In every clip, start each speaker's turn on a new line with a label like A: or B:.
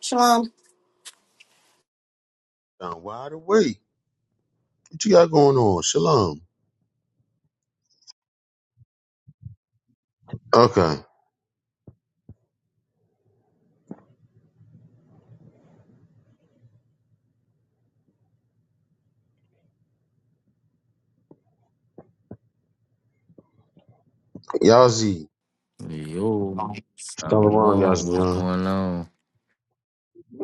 A: Shalom.
B: Down wide awake. What you got going on? Shalom. Okay. Yazi.
C: Yo,
B: Shalom,
C: Shalom, what's
B: Yazzie.
C: going on?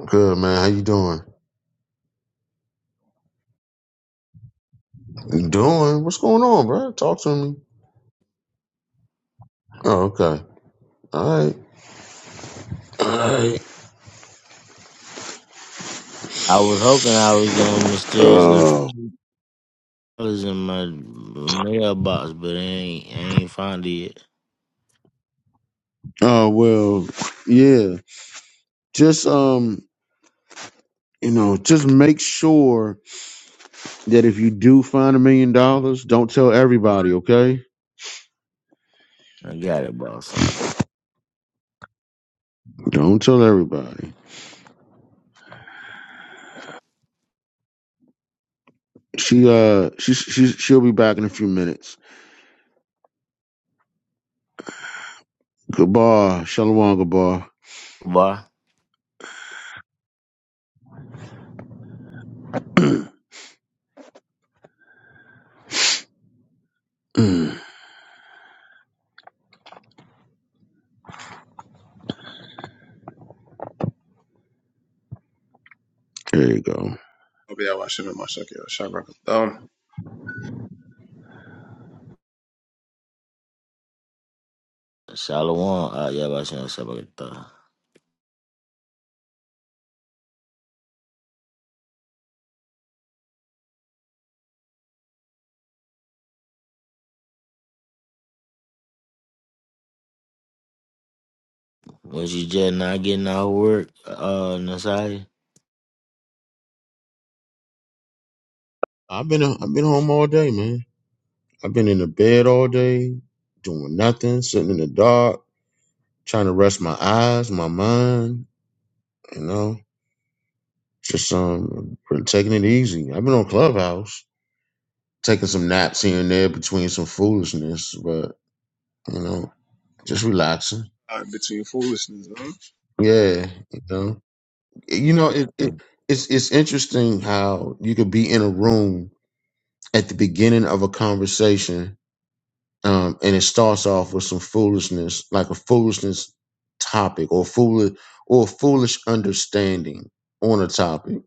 B: Good, man. How you doing? You Doing? What's going on, bro? Talk to me. Oh, okay. All right. All right.
C: I was hoping I was going to mysteriously
B: Oh,
C: fellas in my mailbox, but I ain't, I ain't found it yet.
B: oh well, yeah. Just, um, you know, just make sure that if you do find a million dollars, don't tell everybody, okay?
C: I got it, boss.
B: Don't tell everybody. She uh she she she'll be back in a few minutes. Goodbye, Shalom, goodbye.
C: Boy,
B: There you go.
D: I'll be out watching my shock y'all. Um,
C: Shalom, uh, yeah, boss, you know, something like that. When she just not getting out of work, uh, Nasai,
B: I've been uh, I've been home all day, man. I've been in the bed all day, doing nothing, sitting in the dark, trying to rest my eyes, my mind. You know, just um, been taking it easy. I've been on Clubhouse, taking some naps here and there between some foolishness, but you know, just relaxing.
D: uh, between foolishness, huh?
B: Yeah, you know, you know, it,
C: uh,
B: it it's it's interesting how you could be in a room at the beginning of a conversation um, and it starts off with some foolishness, like a foolishness topic or foolish or foolish understanding on a topic.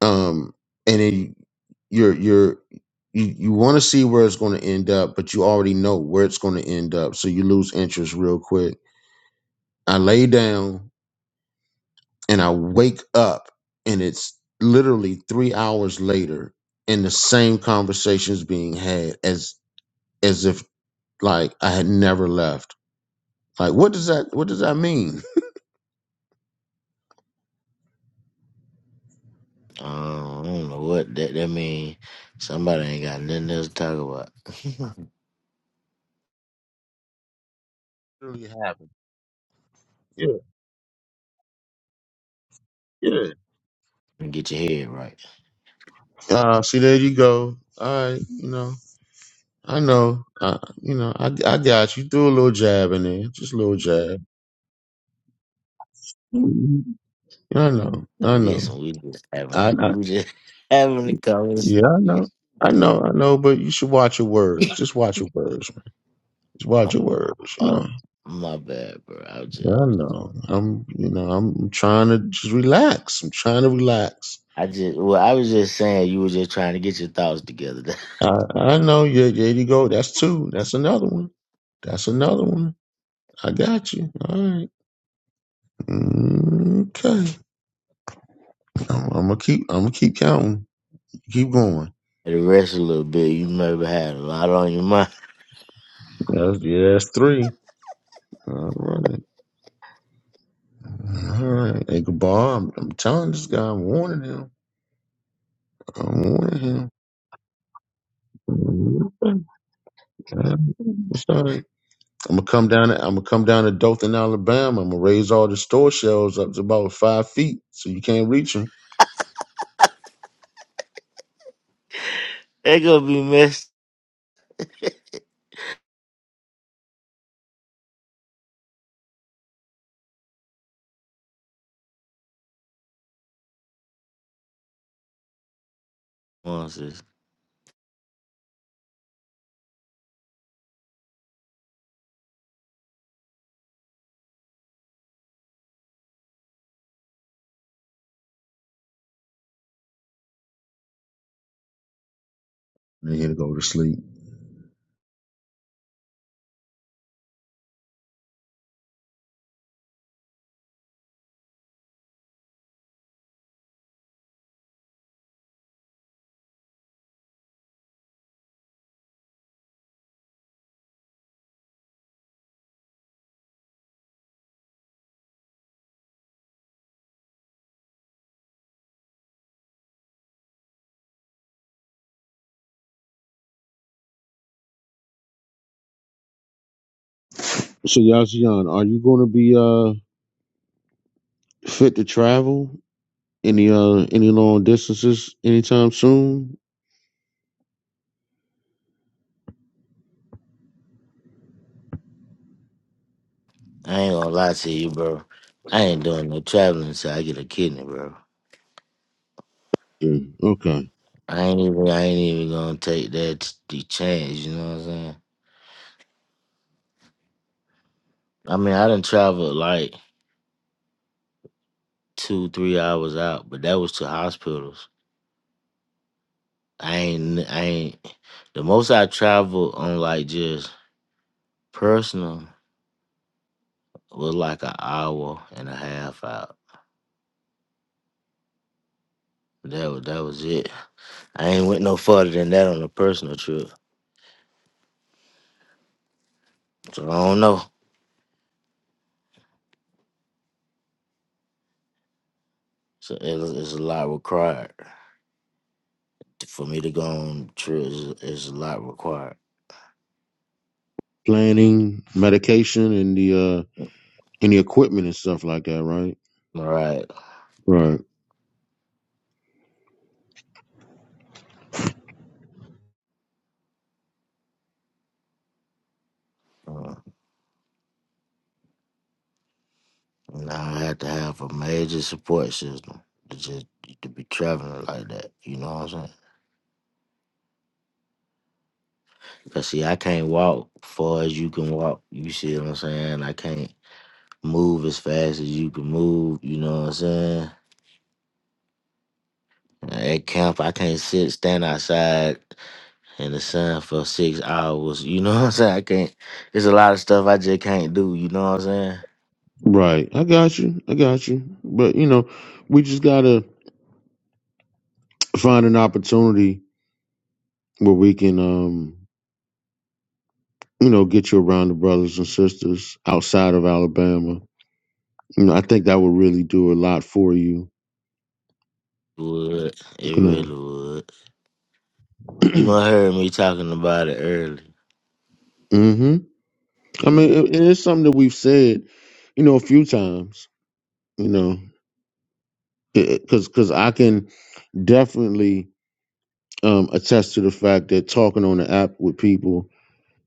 B: Um, and then you're you're you, you want to see where it's going to end up, but you already know where it's going to end up, so you lose interest real quick. I lay down and I wake up, and it's literally three hours later, and the same conversations being had as as if like I had never left Like, what does that what does that mean?
C: I don't know what that, that mean. Somebody ain't got nothing else to talk about.
B: Really happened. Yeah, yeah.
C: Get your head right.
B: Uh, see, there you go. All right, you know, I know, uh, you know, I, I got you. Threw a little jab in there, just a little jab. Mhm. I know, I know,
C: Listen, we just having,
B: I, I
C: we just having the conversation.
B: yeah, I know, I know, I know. But you should watch your words. Just watch your words, man. Just watch your words. You
C: Oh,
B: know,
C: my bad, bro. I was
B: yeah,
C: just,
B: I know. I'm, you know, I'm trying to just relax. I'm trying to relax.
C: I just, well, I was just saying you were just trying to get your thoughts together.
B: I, I know. Yeah, there you go. That's two. That's another one. That's another one. I got you. All right. Okay. I'm, I'm gonna keep. I'm gonna keep counting. Keep going.
C: the rest a little bit, you never had a lot on your mind.
B: That's, yeah, that's three. All right. All right. Hey, goodbye. I'm, I'm telling this guy. I'm warning him. I'm warning him. Okay. It's all right. I'm gonna come down. To, I'm gonna come down to Dothan, Alabama. I'm gonna raise all the store shelves up to about five feet, so you can't reach them.
C: They gonna be messed. Come on, sis.
B: They here to go to sleep. So Yazian, are you going to be uh fit to travel any uh any long distances anytime soon?
C: I ain't gonna lie to you, bro. I ain't doing no traveling until I get a kidney, bro.
B: Yeah. Okay.
C: I ain't even, I ain't even gonna take that the chance. You know what I'm saying? I mean, I done traveled like two, three hours out, but that was to hospitals. I ain't, I ain't. The most I traveled on like just Personal was like an hour and a half out. That was that was it. I ain't went no further than that on a personal trip. So I don't know. So it, it's a lot required for me to go on trips. It's a lot required.
B: Planning, medication, and the uh and the equipment and stuff like that, right?
C: All right.
B: Right.
C: Uh, and I had to have a major support system to just to be traveling like that. You know what I'm saying? Cause see, I can't walk far as you can walk. You see what I'm saying? I can't move as fast as you can move. You know what I'm saying? At camp, I can't sit, stand outside in the sun for six hours. You know what I'm saying? I can't. It's a lot of stuff I just can't do. You know what I'm saying?
B: Right. I got you. I got you. But you know, we just gotta find an opportunity where we can um you know get you around the brothers and sisters outside of Alabama. You know, I think that would really do a lot for you.
C: Would it
B: You know.
C: really would? You
B: mm
C: must heard me talking about it early.
B: mhm. I mean,
C: Yeah.
B: it, it is something that we've said, you know, a few times, you know, because because I can definitely um, attest to the fact that talking on the app with people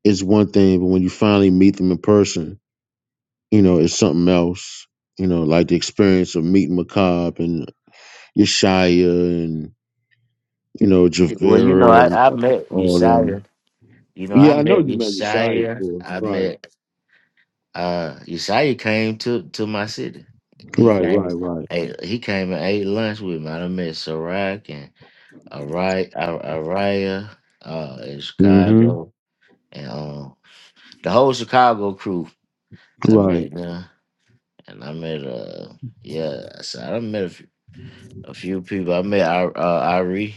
B: is one thing, but when you finally meet them in person, you know, it's something else. You know, like the experience of meeting Macab and Yeshaya and you know
C: Well, you know,
B: Javera and
C: I, I met
B: all them.
C: Yeshaya. You know, I
B: Yeah, I know
C: met
B: you met Yeshaya
C: Yeshaya.
B: before.
C: I
B: Right,
C: met uh Yeshaya came to to my city. He
B: right,
C: came.
B: right, right.
C: Hey, he came and ate lunch with me. I done met Sirac and Ari- Ar- Araya uh, in
B: Mm-hmm.
C: Chicago, and um, the whole Chicago crew. I
B: Right.
C: met them, and I met uh, yeah, so I done met a few, a few people. I met Ir- uh, Irie.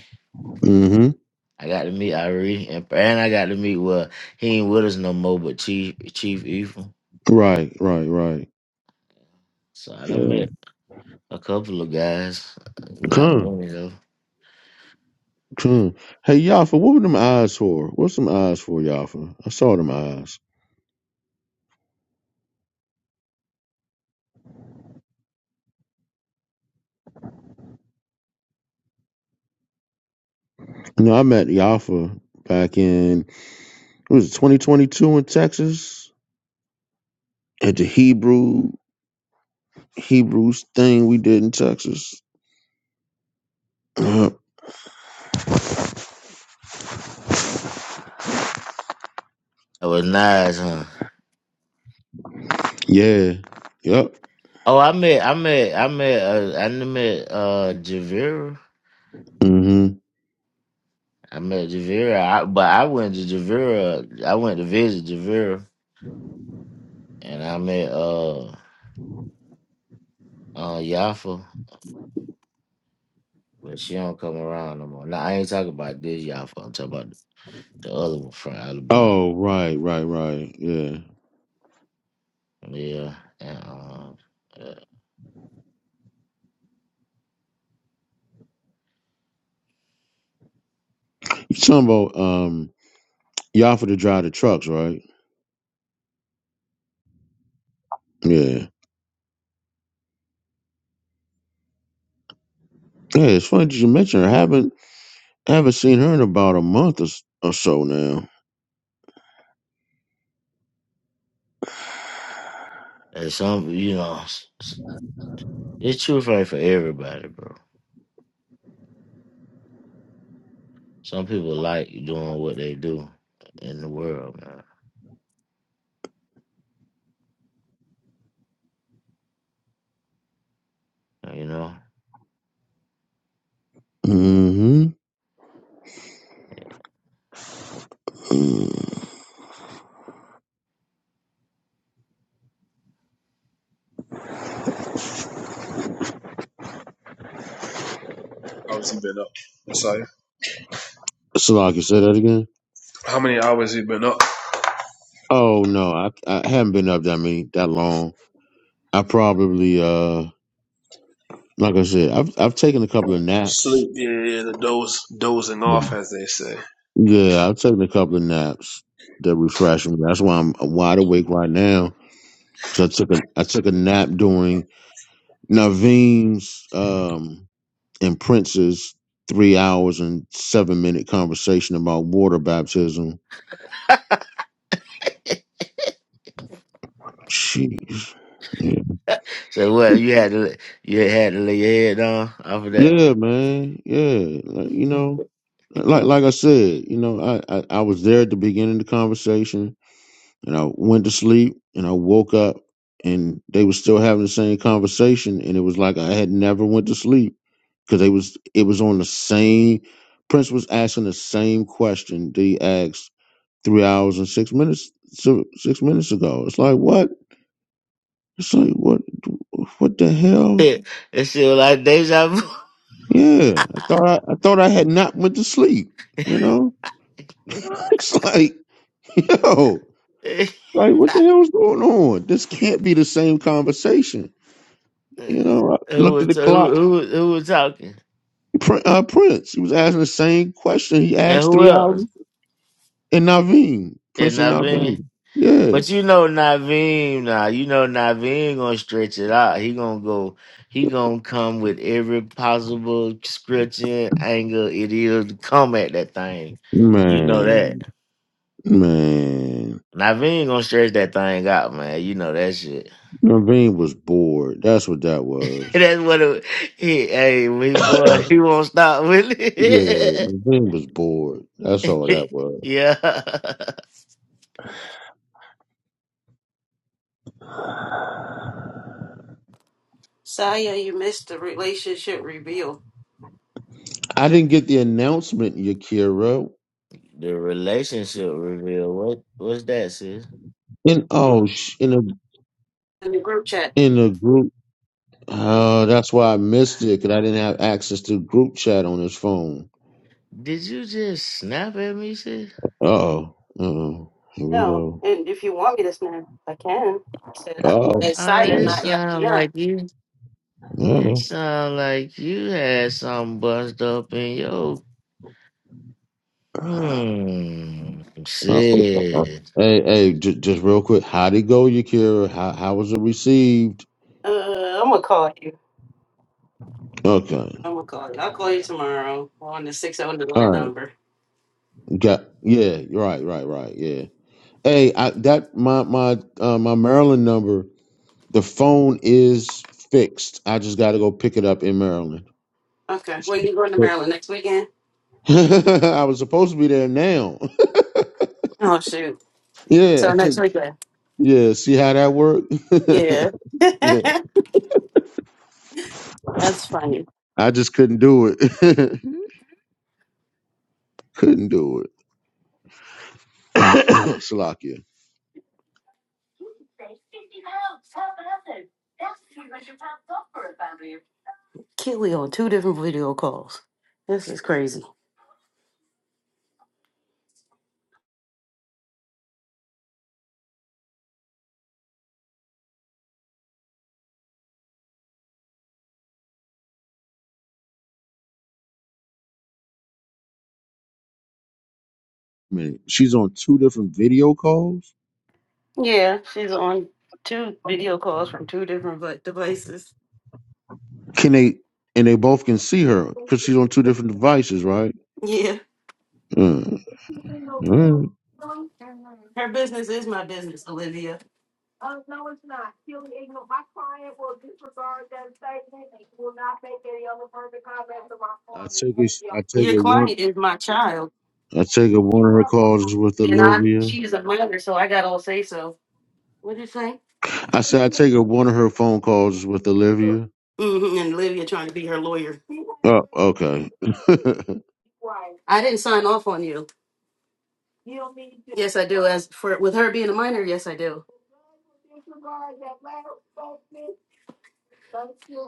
B: Mm-hmm.
C: I got to meet Ari, and and I got to meet well, he ain't with us no more, but Chief Chief Evil.
B: Right, right,
C: So I
B: right.
C: done met a couple of guys, not
B: Come,
C: many though.
B: come. Hey, Yafa, what were them eyes for? What's some eyes for, Yafa? I saw them eyes. No, I met Yafa back in it was 2022 in Texas at the Hebrew Hebrews thing we did in Texas. Uh,
C: That was nice, huh?
B: yeah. Yep.
C: Oh, I met, I met, I met, uh, I done met uh, Javira.
B: hmm
C: I met Javira, I, but I went to Javira. I went to visit Javira, and I met uh uh Yafa, but she don't come around no more. Now I ain't talking about this Yafa. I'm talking about the other one from Alabama.
B: Oh, right, right, right. Yeah.
C: Yeah, and um, uh,
B: You talking about um Yafa to drive the trucks, right? Yeah. Yeah, it's funny that you mentioned her. I haven't I haven't seen her in about a month or, s- or so now.
C: and some you know, s- s- it's true for for everybody, bro. Some people like doing what they do in the world, man. You know.
B: hmm Mm.
D: How has he been up? Messiah.
B: So I can say that again.
D: How many hours he been up?
B: Oh no, I I haven't been up that many that long. I probably uh like I said, I've I've taken a couple of naps.
D: Sleep. Yeah, yeah, the doze, dozing off, as they say.
B: Yeah, I've taken a couple of naps that refresh me. That's why I'm wide awake right now because I took a I took a nap during Naveen's um and Prince's three hours and seven minute conversation about water baptism. Jeez. Yeah,
C: So what you had to you had to lay your head down off of that.
B: yeah man. Yeah, like, you know. like like I said, you know, I, I I was there at the beginning of the conversation, and I went to sleep, and I woke up, and they were still having the same conversation, and it was like I had never went to sleep because they was it was on the same. Prince was asking the same question that he asked three hours and six minutes so- six minutes ago. It's like what? It's like what? What the hell?
C: It, it shit was like deja vu.
B: Yeah, I thought I, I thought I had not went to sleep. You know,
C: who
B: it's like yo. Like, what the hell's going on? This can't be the same conversation. You know, I looked at
C: was
B: the clock.
C: who who who was talking
B: Prin- Uh, Prince, he was asking the same question he
C: and
B: asked
C: who
B: three hours
C: else?
B: and Naveen,
C: And
B: Prince and
C: Naveen.
B: Naveen. Yeah,
C: But you know Naveen now. You know Naveen gonna stretch it out. He gonna go. He gonna come with every possible scripture angle it is to come at that thing. You know that.
B: man, man,
C: Naveen gonna stretch that thing out, man. You know that shit.
B: Naveen was bored. That's what that was.
C: That's what it, he, hey, we boy, he won't stop, will
B: Yeah,
C: he?
B: Naveen was bored. That's all that was.
C: yeah.
A: Saya, you missed the relationship reveal
B: I didn't get the announcement, Yakira.
C: The relationship reveal. What what's that, sis?
B: And oh, sh- in a
A: in the group chat.
B: in a group. Oh, that's why I missed it because I didn't have access to group chat on his phone.
C: Did you just snap at me, sis?
B: Uh oh. Uh oh. Here we
A: No,
B: go.
A: and if you want me to snap, I can. I said,
B: Oh.
A: it's
C: Oh,
A: Saya,
C: it
B: Oh.
A: not
C: sound like
A: Yafian.
C: you
B: Yeah.
C: it sound like you had something bust up in your hmm
B: Uh-oh.
C: sis.
B: Hey, hey, j- just real quick. How'd it go, Yakira? How how was it received?
A: Uh, I'm gonna call you.
B: Okay.
A: I'm gonna call you. I'll call you tomorrow on the
B: All
A: 600
B: right.
A: number.
B: Got yeah, you're right, right, right. Yeah. Hey, I that my my uh my Maryland number, the phone is fixed. I just gotta go pick it up in Maryland.
A: Okay. When you going to Maryland next weekend?
B: I was supposed to be there now.
A: Oh, shoot.
B: Yeah,
A: So next weekend.
B: yeah. See how that worked?
A: Yeah.
B: yeah,
A: That's funny.
B: I just couldn't do it. couldn't do it. Shalakia.
A: Kiwi on two different video calls. This is crazy.
B: Man, she's on two different video calls.
A: Yeah, she's on two video calls from two different vi- devices.
B: Can they? And they both can see her because she's on two different devices, right?
A: Yeah,
B: Mm. Mm.
A: her business is my business, Olivia.
B: I take it. I take
A: Your
B: it one.
A: client is my child,
B: I take it one of her calls is with
A: and I'm
B: Olivia.
A: she is a minor, so I got all say so. What do you say?
B: I said I take it one of her phone calls is with Olivia.
A: hmm and Olivia trying to be her lawyer.
B: Oh, okay.
A: I didn't sign off on you. You don't mean to. Yes, I do. As for with her being a minor, yes, I do.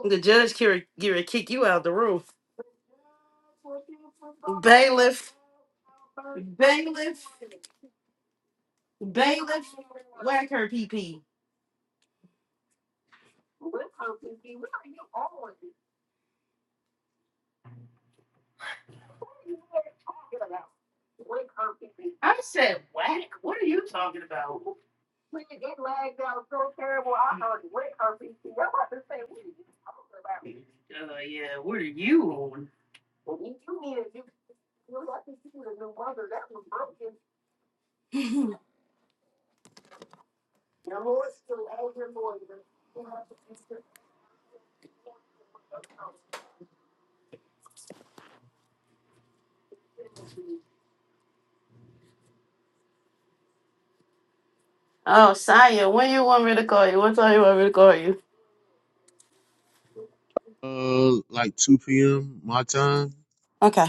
A: The judge can to kick you out the room. Bailiff. Bailiff. Bailiff, whack her P P. I said, whack? What are you talking about? Uh, yeah, what are you on? oh, Saya, when you want me to call you? What time you want me to call you?
B: uh, like two p.m. my time.
A: Okay.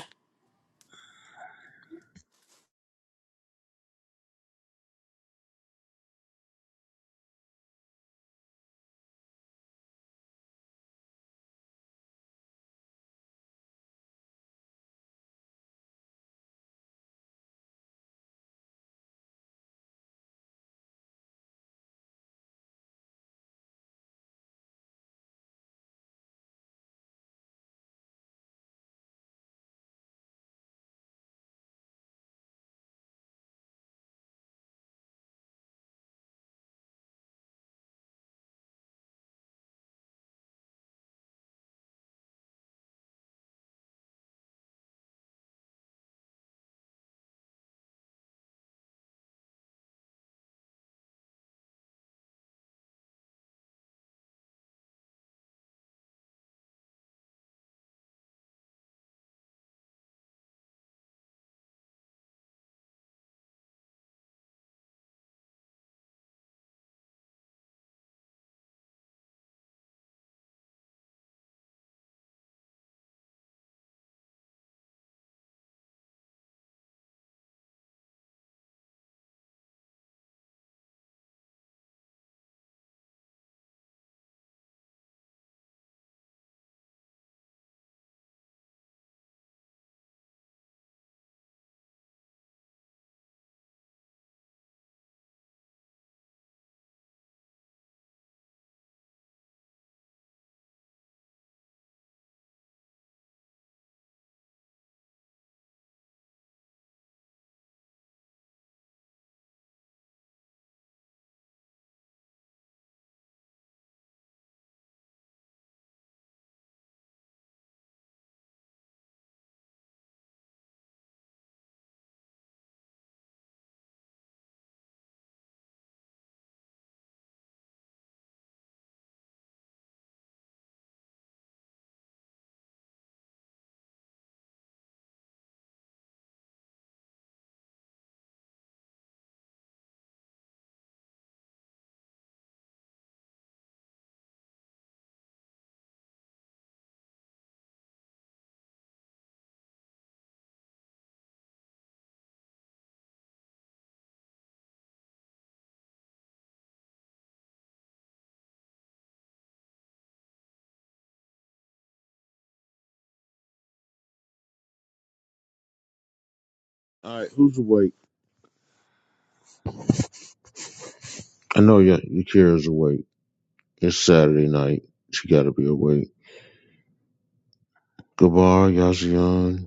B: All right, who's awake? I know y- Yakira's awake. It's Saturday night. She gotta be awake. Gabar, Yazian,